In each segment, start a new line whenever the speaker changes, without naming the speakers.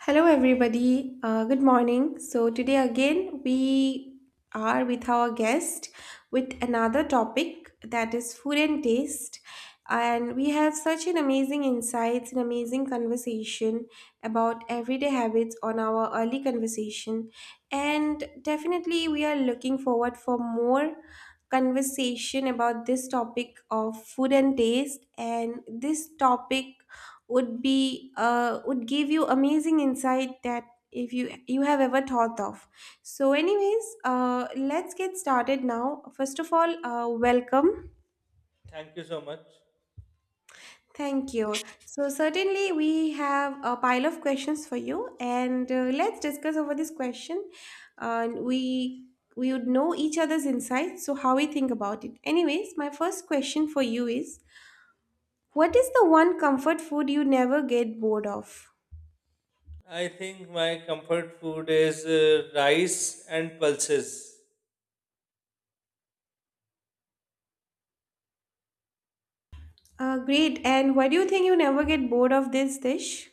Hello, everybody. Good morning. So, today again, we are with our guest with another topic that is food and taste. And we have such an amazing insights and amazing conversation about everyday habits on our early conversation. And definitely, we are looking forward for more conversation about this topic of food and taste, and this topic would give you amazing insight that if you have ever thought of. So anyways, let's get started. Now first of all, welcome.
Thank you so much.
Thank you. So certainly we have a pile of questions for you, and let's discuss over this question, and we would know each other's insights, so how we think about it. Anyways, my first question for you is, what is the one comfort food you never get bored of?
I think my comfort food is rice and pulses
Great. And why do you think you never get bored of this dish?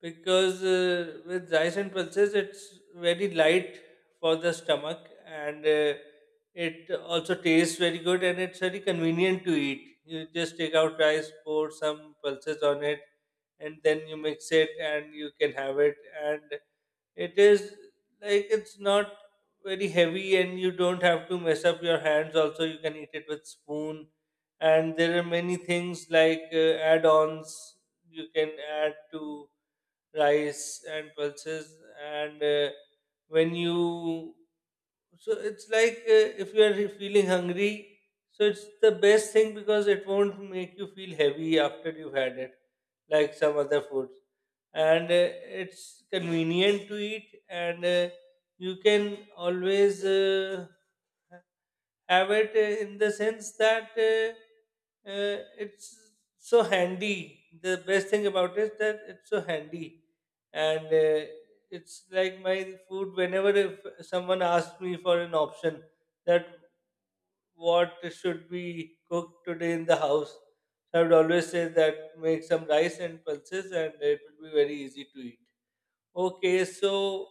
because with rice and pulses it's very light for the stomach and it also tastes very good and it's very convenient to eat. You just take out rice, pour some pulses on it, and then you mix it and you can have it. And It is like it's not very heavy and you don't have to mess up your hands. Also, you can eat it with spoon. And there are many things like add-ons you can add to rice and pulses. And when you so it's like if you are feeling hungry, so it's the best thing because it won't make you feel heavy after you've had it, like some other foods. And it's convenient to eat, and you can always have it in the sense that uh, it's so handy. The best thing about it is that it's so handy, and it's like my food. Whenever if someone asks me for an option that what should be cooked today in the house, I would always say that make some rice and pulses, and it will be very easy to eat. Okay, so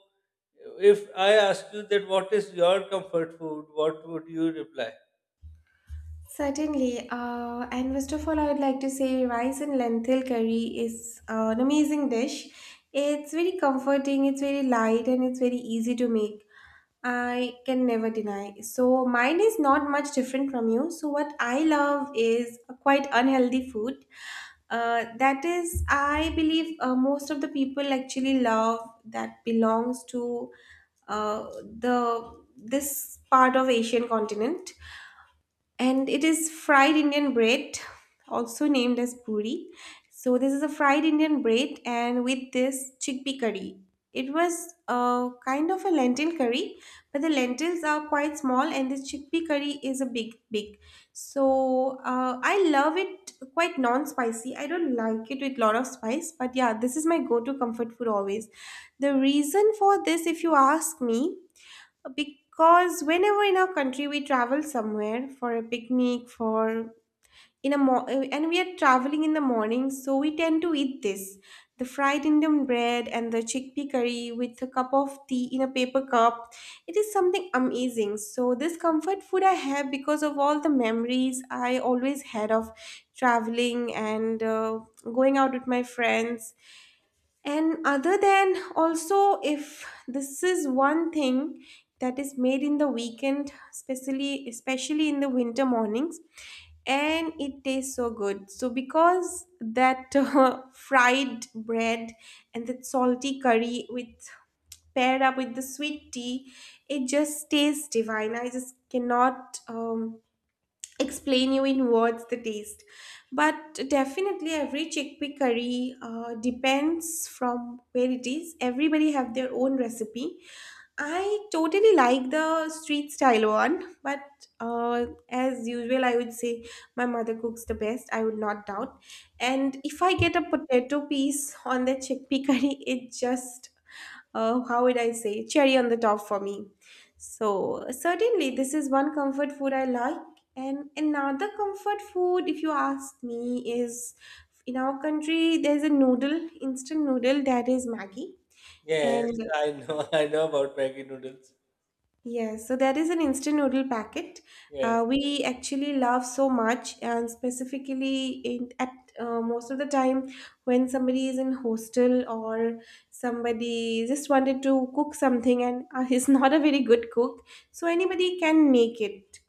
if I ask you that what is your comfort food, what would you reply?
Certainly. And first of all, I would like to say rice and lentil curry is an amazing dish. It's very comforting, it's very light, and it's very easy to make. I can never deny. So, mine is not much different from you. So, what I love is a quite unhealthy food. That is, I believe most of the people actually love that, belongs to uh, the this part of Asian continent, and it is fried Indian bread, also named as puri. So this is a fried Indian bread, and with this chickpea curry. It was kind of a lentil curry, but the lentils are quite small, and this chickpea curry is a big, big. So I love it quite non-spicy. I don't like it with lot of spice, but yeah, this is my go-to comfort food always. The reason for this, if you ask me, because whenever in our country we travel somewhere for a picnic, for in a mo- and we are traveling in the morning, so we tend to eat this the fried Indian bread and the chickpea curry with a cup of tea in a paper cup. It is something amazing. So this comfort food I have because of all the memories I always had of traveling and going out with my friends. And other than also, if this is one thing that is made in the weekend, especially in the winter mornings, and it tastes so good. So because that fried bread and that salty curry, with paired up with the sweet tea, it just tastes divine. I just cannot explain you in words the taste, but definitely every chickpea curry, depends from where it is, everybody have their own recipe. I totally like the street style one, but as usual, I would say my mother cooks the best, I would not doubt. And if I get a potato piece on the chickpea curry, it just, how would I say, cherry on the top for me. So, certainly, this is one comfort food I like. And another comfort food, if you ask me, is, in our country, there's a noodle, instant noodle, that is Maggie.
Yes,
And
I know. I know about Maggi noodles.
yes, so there is an instant noodle packet
Yes,
we actually love so much, and specifically at most of the time when somebody is in hostel or somebody just wanted to cook something and is not a very good cook, so anybody can make it.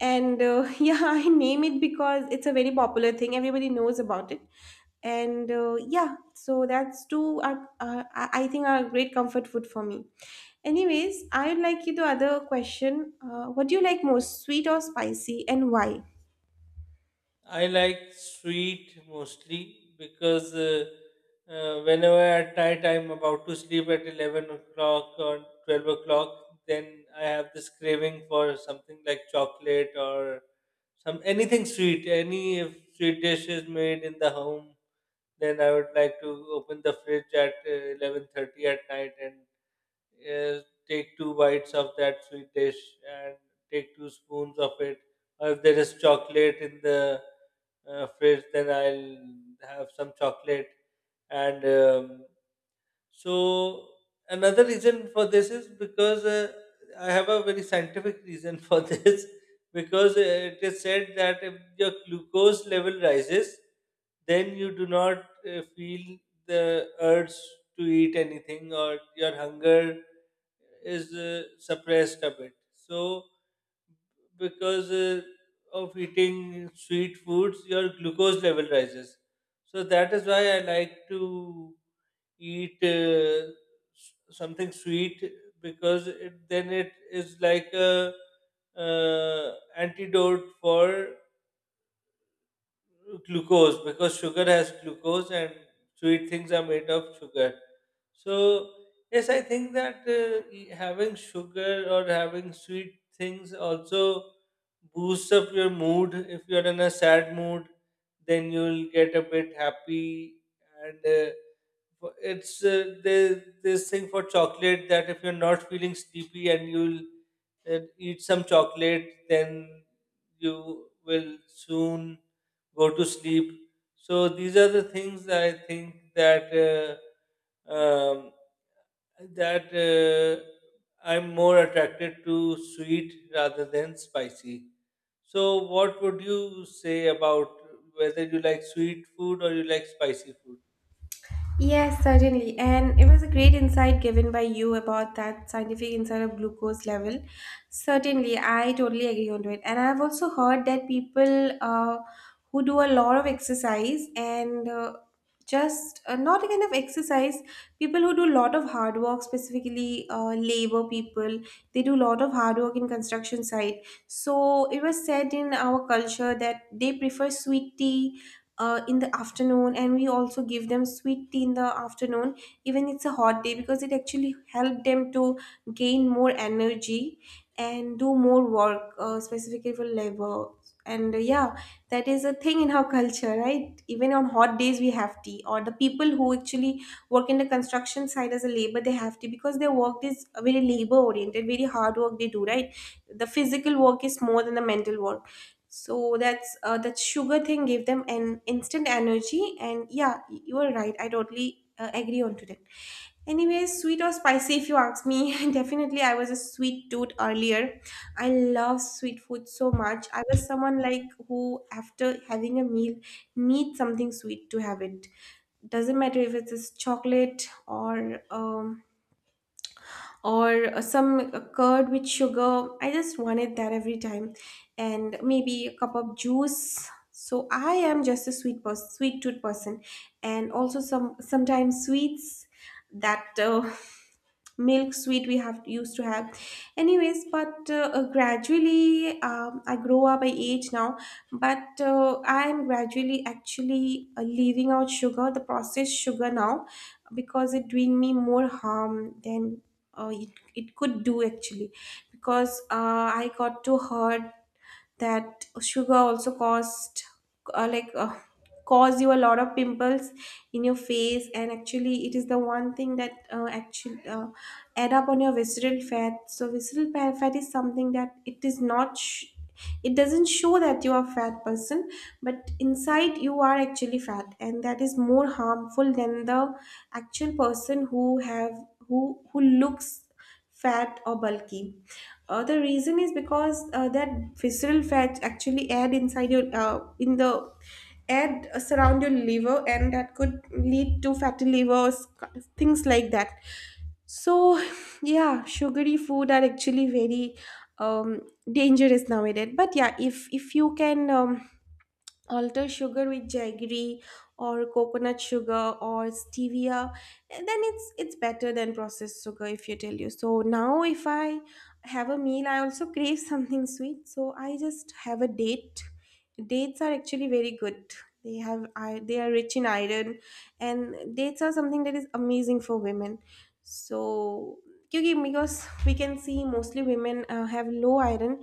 And yeah, I name it because it's a very popular thing. Everybody knows about it. And yeah, so that's two are I think are great comfort food for me. Anyways, I would like you to other question. What do you like most, sweet or spicy, and why?
I like sweet mostly because whenever at night I'm about to sleep at 11 o'clock or 12 o'clock, then I have this craving for something like chocolate or some anything sweet. Any if sweet dish is made in the home, then I would like to open the fridge at 11:30 at night and uh, take two bites of that sweet dish and take two spoons of it. Or if there is chocolate in the fridge, then I'll have some chocolate. And so another reason for this is because I have a very scientific reason for this because it is said that if your glucose level rises, then you do not feel the urge to eat anything or your hunger is suppressed a bit. So, because of eating sweet foods, your glucose level rises. So, that is why I like to eat something sweet because then it is like a antidote for glucose because sugar has glucose and sweet things are made of sugar. So, yes, I think that having sugar or having sweet things also boosts up your mood. If you're in a sad mood, then you'll get a bit happy. And this thing for chocolate that if you're not feeling sleepy and you'll and eat some chocolate, then you will soon go to sleep. So these are the things that I think that uh, um, that uh, I'm more attracted to sweet rather than spicy. So what would you say about whether you like sweet food or you like spicy food?
Yes, certainly. And it was a great insight given by you about that scientific insight of glucose level. Certainly, I totally agree on to it. And I've also heard that people who do a lot of exercise and just not a kind of exercise, people who do a lot of hard work, specifically labor people, they do a lot of hard work in construction site. So it was said in our culture that they prefer sweet tea in the afternoon, and we also give them sweet tea in the afternoon even it's a hot day, because it actually help them to gain more energy and do more work, specifically for labor. And yeah, that is a thing in our culture, right? Even on hot days we have tea, or the people who actually work in the construction side as a labor, they have tea because their work is very labor oriented, very hard work they do, right? The physical work is more than the mental work. So that's that sugar thing gave them an instant energy. And yeah, you are right, I totally agree on to that. Anyway, sweet or spicy, if you ask me, definitely I was a sweet dude earlier. I love sweet food so much. I was someone like, who after having a meal needs something sweet to have it. Doesn't matter if it's just chocolate or some curd with sugar. I just wanted that every time, and maybe a cup of juice. So I am just a sweet person, sweet tooth person, and also sometimes sweets that milk sweet we have used to have. Anyways, but gradually, I grow up, I age now, but I am gradually actually leaving out sugar, the processed sugar now, because it doing me more harm than uh, it, it could do actually. Because I got to heard that sugar also caused, like, cause you a lot of pimples in your face. And actually it is the one thing that actually add up on your visceral fat. So visceral fat is something that it is not it doesn't show that you are a fat person, but inside you are actually fat, and that is more harmful than the actual person who have who looks fat or bulky. The reason is because that visceral fat actually add inside your, in the add surround your liver, and that could lead to fatty livers, things like that. So yeah, sugary food are actually very um dangerous nowadays. But yeah, if you can, alter sugar with jaggery or coconut sugar or stevia, then it's better than processed sugar, if you tell you. So now if I have a meal, I also crave something sweet, so I just have a date. Dates are actually very good, they have I they are rich in iron, and dates are something that is amazing for women. So क्योंकि because we can see mostly women have low iron,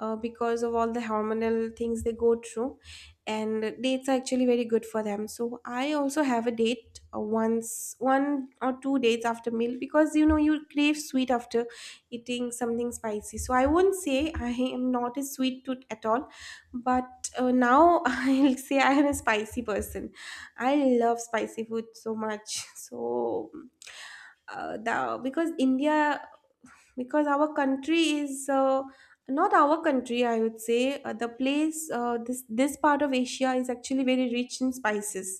because of all the hormonal things they go through. And dates are actually very good for them, so I also have a date, once one or two dates after meal, because you know you crave sweet after eating something spicy. So I won't say I am not a sweet tooth at all, but now, I'll say I am a spicy person. I love spicy food so much. So the because India because our country is, not our country, I would say, the place, this part of Asia is actually very rich in spices.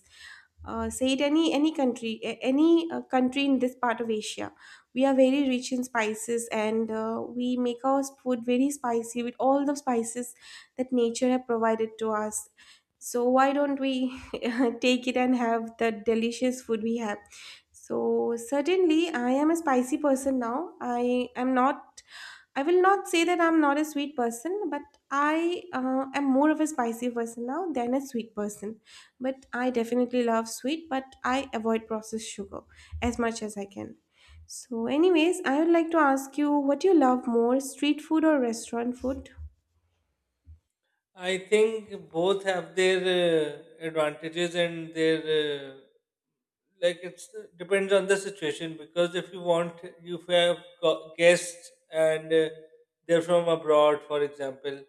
Say it, any country, any country in this part of Asia, we are very rich in spices, and we make our food very spicy with all the spices that nature have provided to us. So why don't we take it and have the delicious food we have? So certainly I am a spicy person now. I am not i will not say that I'm not a sweet person, but I, am more of a spicy person now than a sweet person. But I definitely love sweet, but I avoid processed sugar as much as I can. So, anyways, I would like to ask you, what you love more, street food or restaurant food?
I think both have their advantages and their like it's depends on the situation because if you want you have got guests and they're from abroad, for example,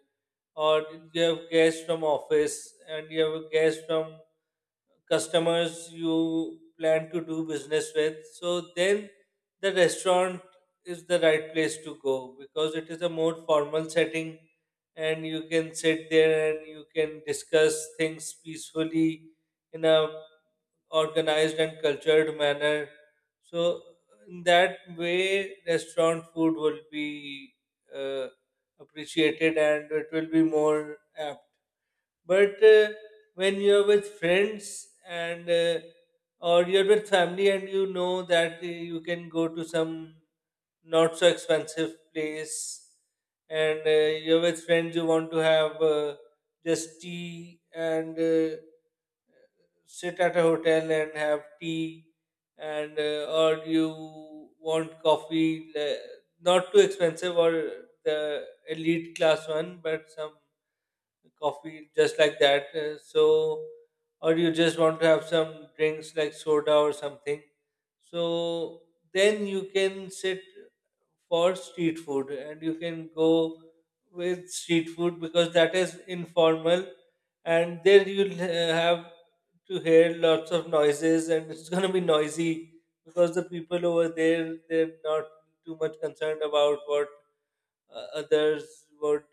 or you have guests from office and you have a guest from customers you plan to do business with. So then the restaurant is the right place to go because it is a more formal setting and you can sit there and you can discuss things peacefully in a organized and cultured manner. So in that way, restaurant food will be uh, appreciated and it will be more apt. But when you're with friends and or you're with family and you know that you can go to some not so expensive place, and you're with friends, you want to have just tea and sit at a hotel and have tea, and or you want coffee not too expensive or the elite class one, but some coffee just like that. So, or you just want to have some drinks like soda or something. So then you can sit for street food and you can go with street food because that is informal, and there you'll have to hear lots of noises and it's going to be noisy because the people over there, they're not too much concerned about what others would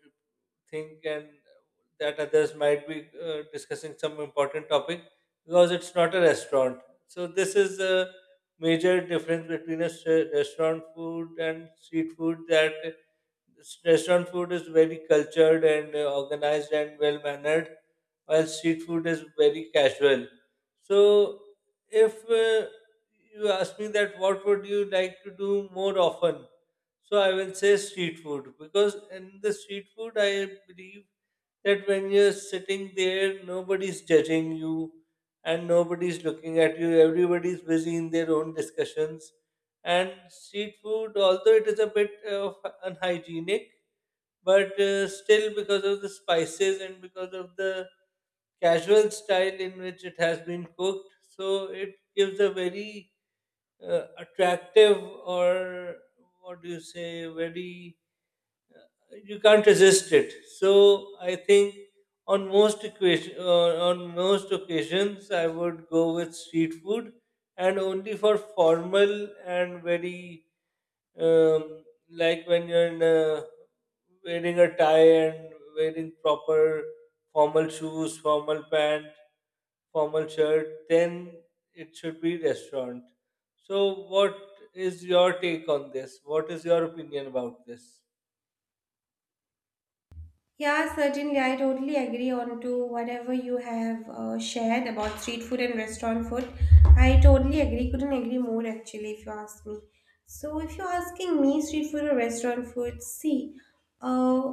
think and that others might be discussing some important topic because it's not a restaurant. So this is a major difference between a restaurant food and street food, that restaurant food is very cultured and organized and well mannered, while street food is very casual. So, if you ask me that what would you like to do more often, so I will say street food because in the street food I believe that when you're sitting there, nobody's judging you and nobody's looking at you. Everybody's busy in their own discussions. And street food, although it is a bit of unhygienic, but still because of the spices and because of the casual style in which it has been cooked, so it gives a very attractive or, what do you say, very you can't resist it. So I think on most equation, on most occasions, I would go with street food, and only for formal and very um, like when you're wearing a tie and wearing proper formal shoes, formal pant, formal shirt, then it should be restaurant. So what is your take on this? What is your opinion about this?
Yeah, certainly. I totally agree on to whatever you have shared about street food and restaurant food. I totally agree. Couldn't agree more actually, if you ask me. So, if you're asking me street food or restaurant food, see, uh,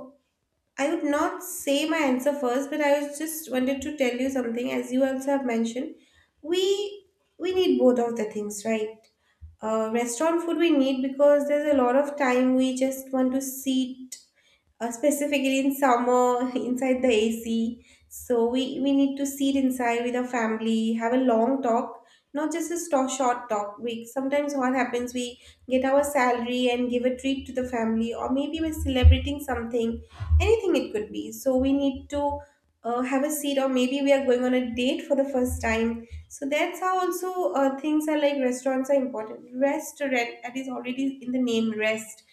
I would not say my answer first, but I was just wanted to tell you something. As you also have mentioned, we we need both of the things, right? Restaurant food we need because there's a lot of time we just want to sit, specifically in summer, inside the AC. So we need to sit inside with our family, have a long talk, not just a short talk. We sometimes what happens we get our salary and give a treat to the family, or maybe we're celebrating something, anything it could be. So we need to have a seat, or maybe we are going on a date for the first time. So that's how also things are like restaurants are important. Restaurant that is already in the name rest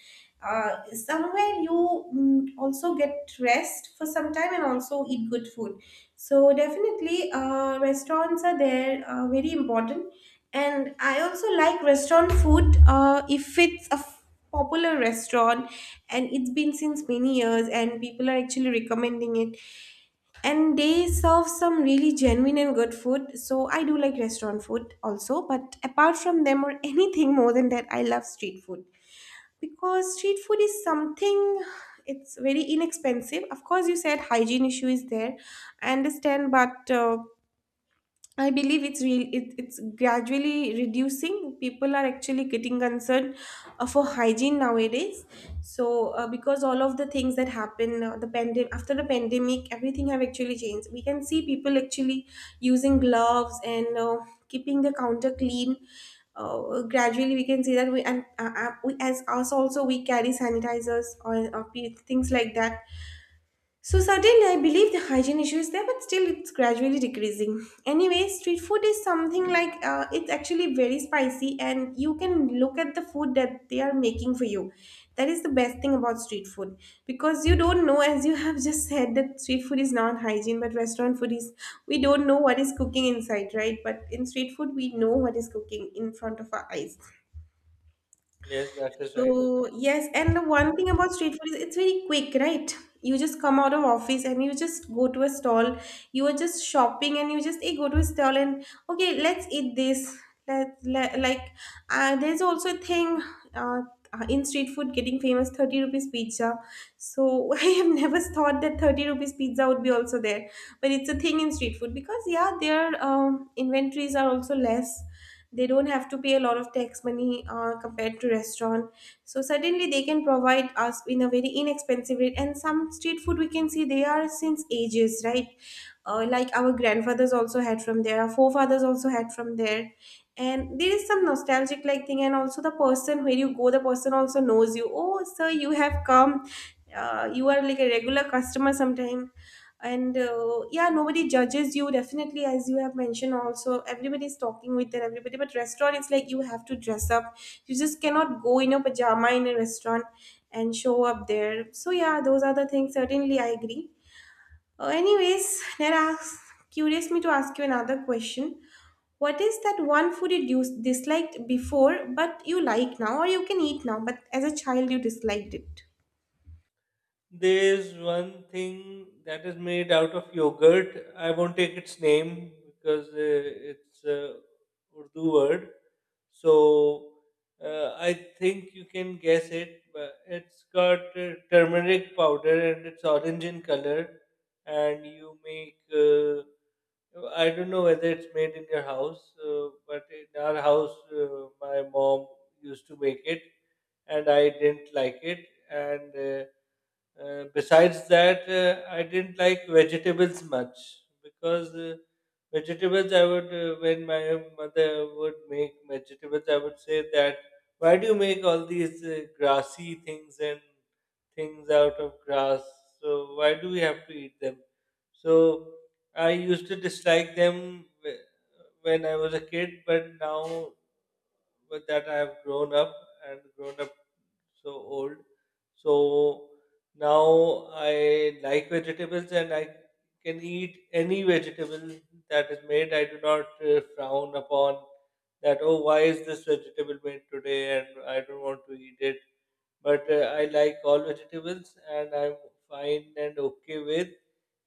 somewhere you also get rest for some time and also eat good food, so definitely restaurants are there, very important. And I also like restaurant food if it's a popular restaurant, and it's been since many years and people are actually recommending it, and they serve some really genuine and good food. So I do like restaurant food also, but apart from them, or anything more than that, I love street food, because street food is something, it's very inexpensive. Of course, you said hygiene issue is there, I understand, but I believe it's real. It's gradually reducing. People are actually getting concerned for hygiene nowadays. So because all of the things that happen, the pandemic after the pandemic, everything have actually changed. We can see people actually using gloves and keeping the counter clean. Gradually, we can see that we and we as us also we carry sanitizers or things like that. So certainly, I believe the hygiene issue is there, but still, it's gradually decreasing. Anyway, street food is something like, it's actually very spicy, and you can look at the food that they are making for you. That is the best thing about street food, because you don't know, as you have just said, that street food is not hygiene, but restaurant food is. We don't know what is cooking inside, right? But in street food, we know what is cooking in front of our eyes.
Yes, that is right.
So yes, and the one thing about street food is it's very quick, right? You just come out of office and you just go to a stall. You are just shopping and you just, hey, go to a stall and okay, let's eat this. Let like there's also a thing, uh, in street food getting famous, 30 rupees pizza. So I have never thought that 30 rupees pizza would be also there, but it's a thing in street food because yeah, their inventories are also less. They don't have to pay a lot of tax money compared to restaurant, so suddenly they can provide us in a very inexpensive rate. And some street food, we can see they are since ages, right? Like our grandfathers also had from there, our forefathers also had from there, and there is some nostalgic like thing. And also the person where you go, the person also knows you, oh sir, you have come, you are like a regular customer sometime. And yeah, nobody judges you definitely. As you have mentioned also, everybody is talking with their everybody, but restaurant, it's like you have to dress up. You just cannot go in a pajama in a restaurant and show up there. So yeah, those are the things, certainly I agree. Anyways, that asks curious me to ask you another question. What is that one food you disliked before but you like now, or you can eat now but as a child you disliked it?
There's one thing that is made out of yogurt. I won't take its name because it's a Urdu word. So I think you can guess it. But it's got turmeric powder and it's orange in color. And you make, I don't know whether it's made in your house, but in our house, my mom used to make it and I didn't like it. And besides that, I didn't like vegetables much because vegetables, I would, when my mother would make vegetables, I would say that, why do you make all these grassy things and things out of grass? So, why do we have to eat them? So, I used to dislike them when I was a kid, but now with that I have grown up and grown up so old. So now I like vegetables and I can eat any vegetable that is made. I do not frown upon that, oh, why is this vegetable made today and I don't want to eat it. But I like all vegetables and I'm fine and okay with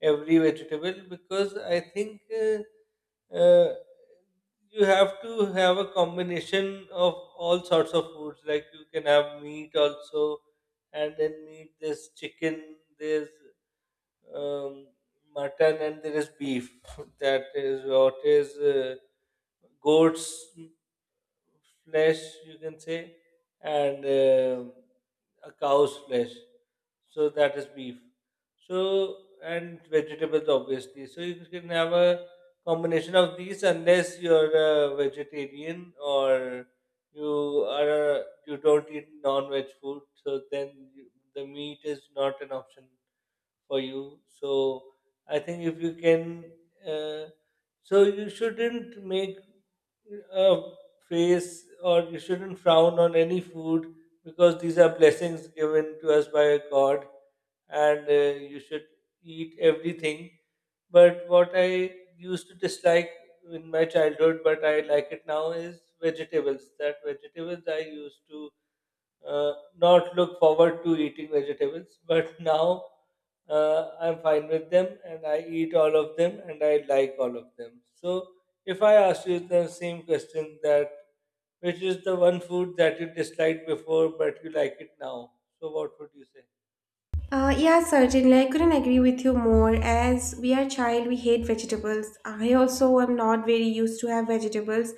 every vegetable because I think uh, you have to have a combination of all sorts of foods. Like you can have meat also, and then meat. There's chicken. There's um, mutton, and there is beef. That is what is goats flesh, you can say, and a cow's flesh. So that is beef. So and vegetables, obviously. So you can have a combination of these unless you're a vegetarian or you you don't eat non-veg food. So then you, the meat is not an option for you. So I think if you can, uh, so you shouldn't make a face or you shouldn't frown on any food because these are blessings given to us by God, and you should eat everything. But what I used to dislike in my childhood, but I like it now, is vegetables. That vegetables I used to not look forward to eating vegetables, but now I'm fine with them and I eat all of them and I like all of them. So if I ask you the same question that which is the one food that you disliked before but you like it now, so what would you say?
Yeah, certainly. I couldn't agree with you more. As we are child, we hate vegetables. I also am not very used to have vegetables,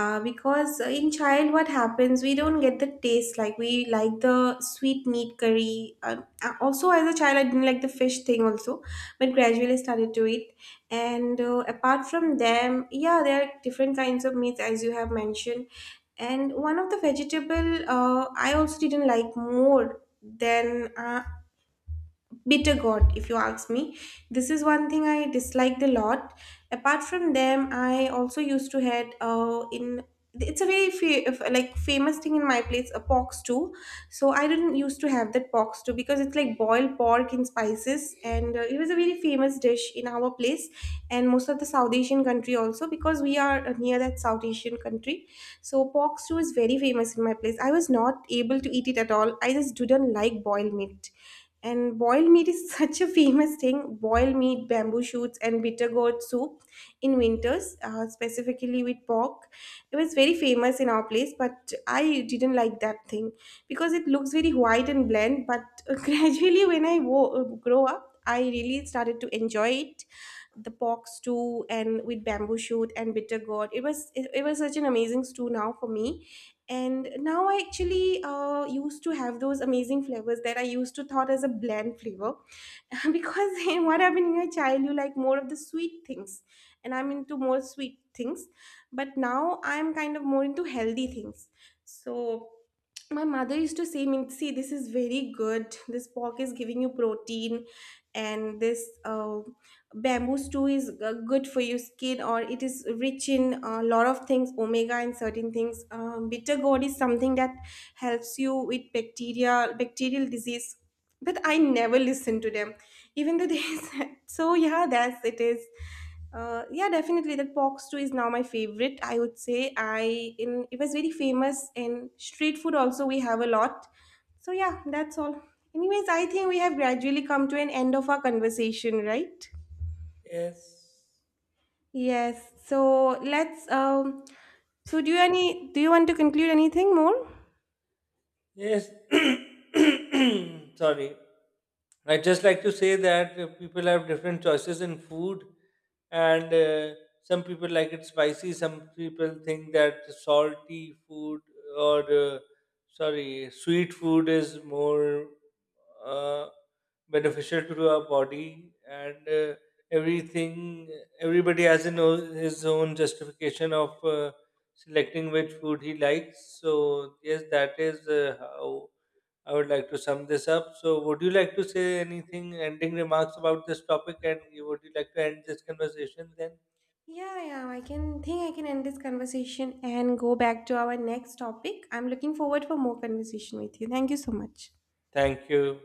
because in child, what happens? We don't get the taste, like we like the sweet meat curry. Uh, also, as a child, I didn't like the fish thing also, but gradually started to eat. And apart from them, yeah, there are different kinds of meats as you have mentioned. And one of the vegetable, I also didn't like more than uh, bitter gourd, if you ask me. This is one thing I disliked a lot. Apart from them, I also used to had in, it's a very like famous thing in my place, a pork stew. So I didn't used to have that pork stew because it's like boiled pork in spices. And it was a very famous dish in our place and most of the south asian country also, because we are near that south asian country. So pork stew is very famous in my place. I was not able to eat it at all. I just didn't like boiled meat, and boiled meat is such a famous thing. Boiled meat, bamboo shoots, and bitter gourd soup in winters, specifically with pork. It was very famous in our place, but I didn't like that thing because it looks very white and bland. But gradually, when I grow up, I really started to enjoy it, the pork stew and with bamboo shoot and bitter gourd. It was such an amazing stew now for me. And now I actually used to have those amazing flavors that I used to thought as a bland flavor, because in what happened in your child, you like more of the sweet things, and I'm into more sweet things, but now I'm kind of more into healthy things. So my mother used to say me, see, this is very good, this pork is giving you protein, and this bamboo stew is good for your skin, or it is rich in a lot of things, omega and certain things. Bitter gourd is something that helps you with bacterial disease, but I never listened to them, even though they said so. Yeah, that's it is, yeah, definitely, that box too is now my favorite, I would say. I in it was very famous in street food also, we have a lot. So yeah, that's all. Anyways, I think we have gradually come to an end of our conversation, right?
Yes.
Yes, so let's um, so do you any, do you want to conclude anything more?
Yes. Sorry. I just like to say that people have different choices in food, and some people like it spicy. Some people think that salty food or sorry, sweet food is more uh, beneficial to our body, and everything. Everybody has his own justification of. Selecting which food he likes. So, yes, that is how I would like to sum this up. So, would you like to say anything, ending remarks about this topic? And you, would you like to end this conversation then?
Yeah, yeah, I can think I can end this conversation and go back to our next topic. I'm looking forward for more conversation with you. Thank you so much.
Thank you.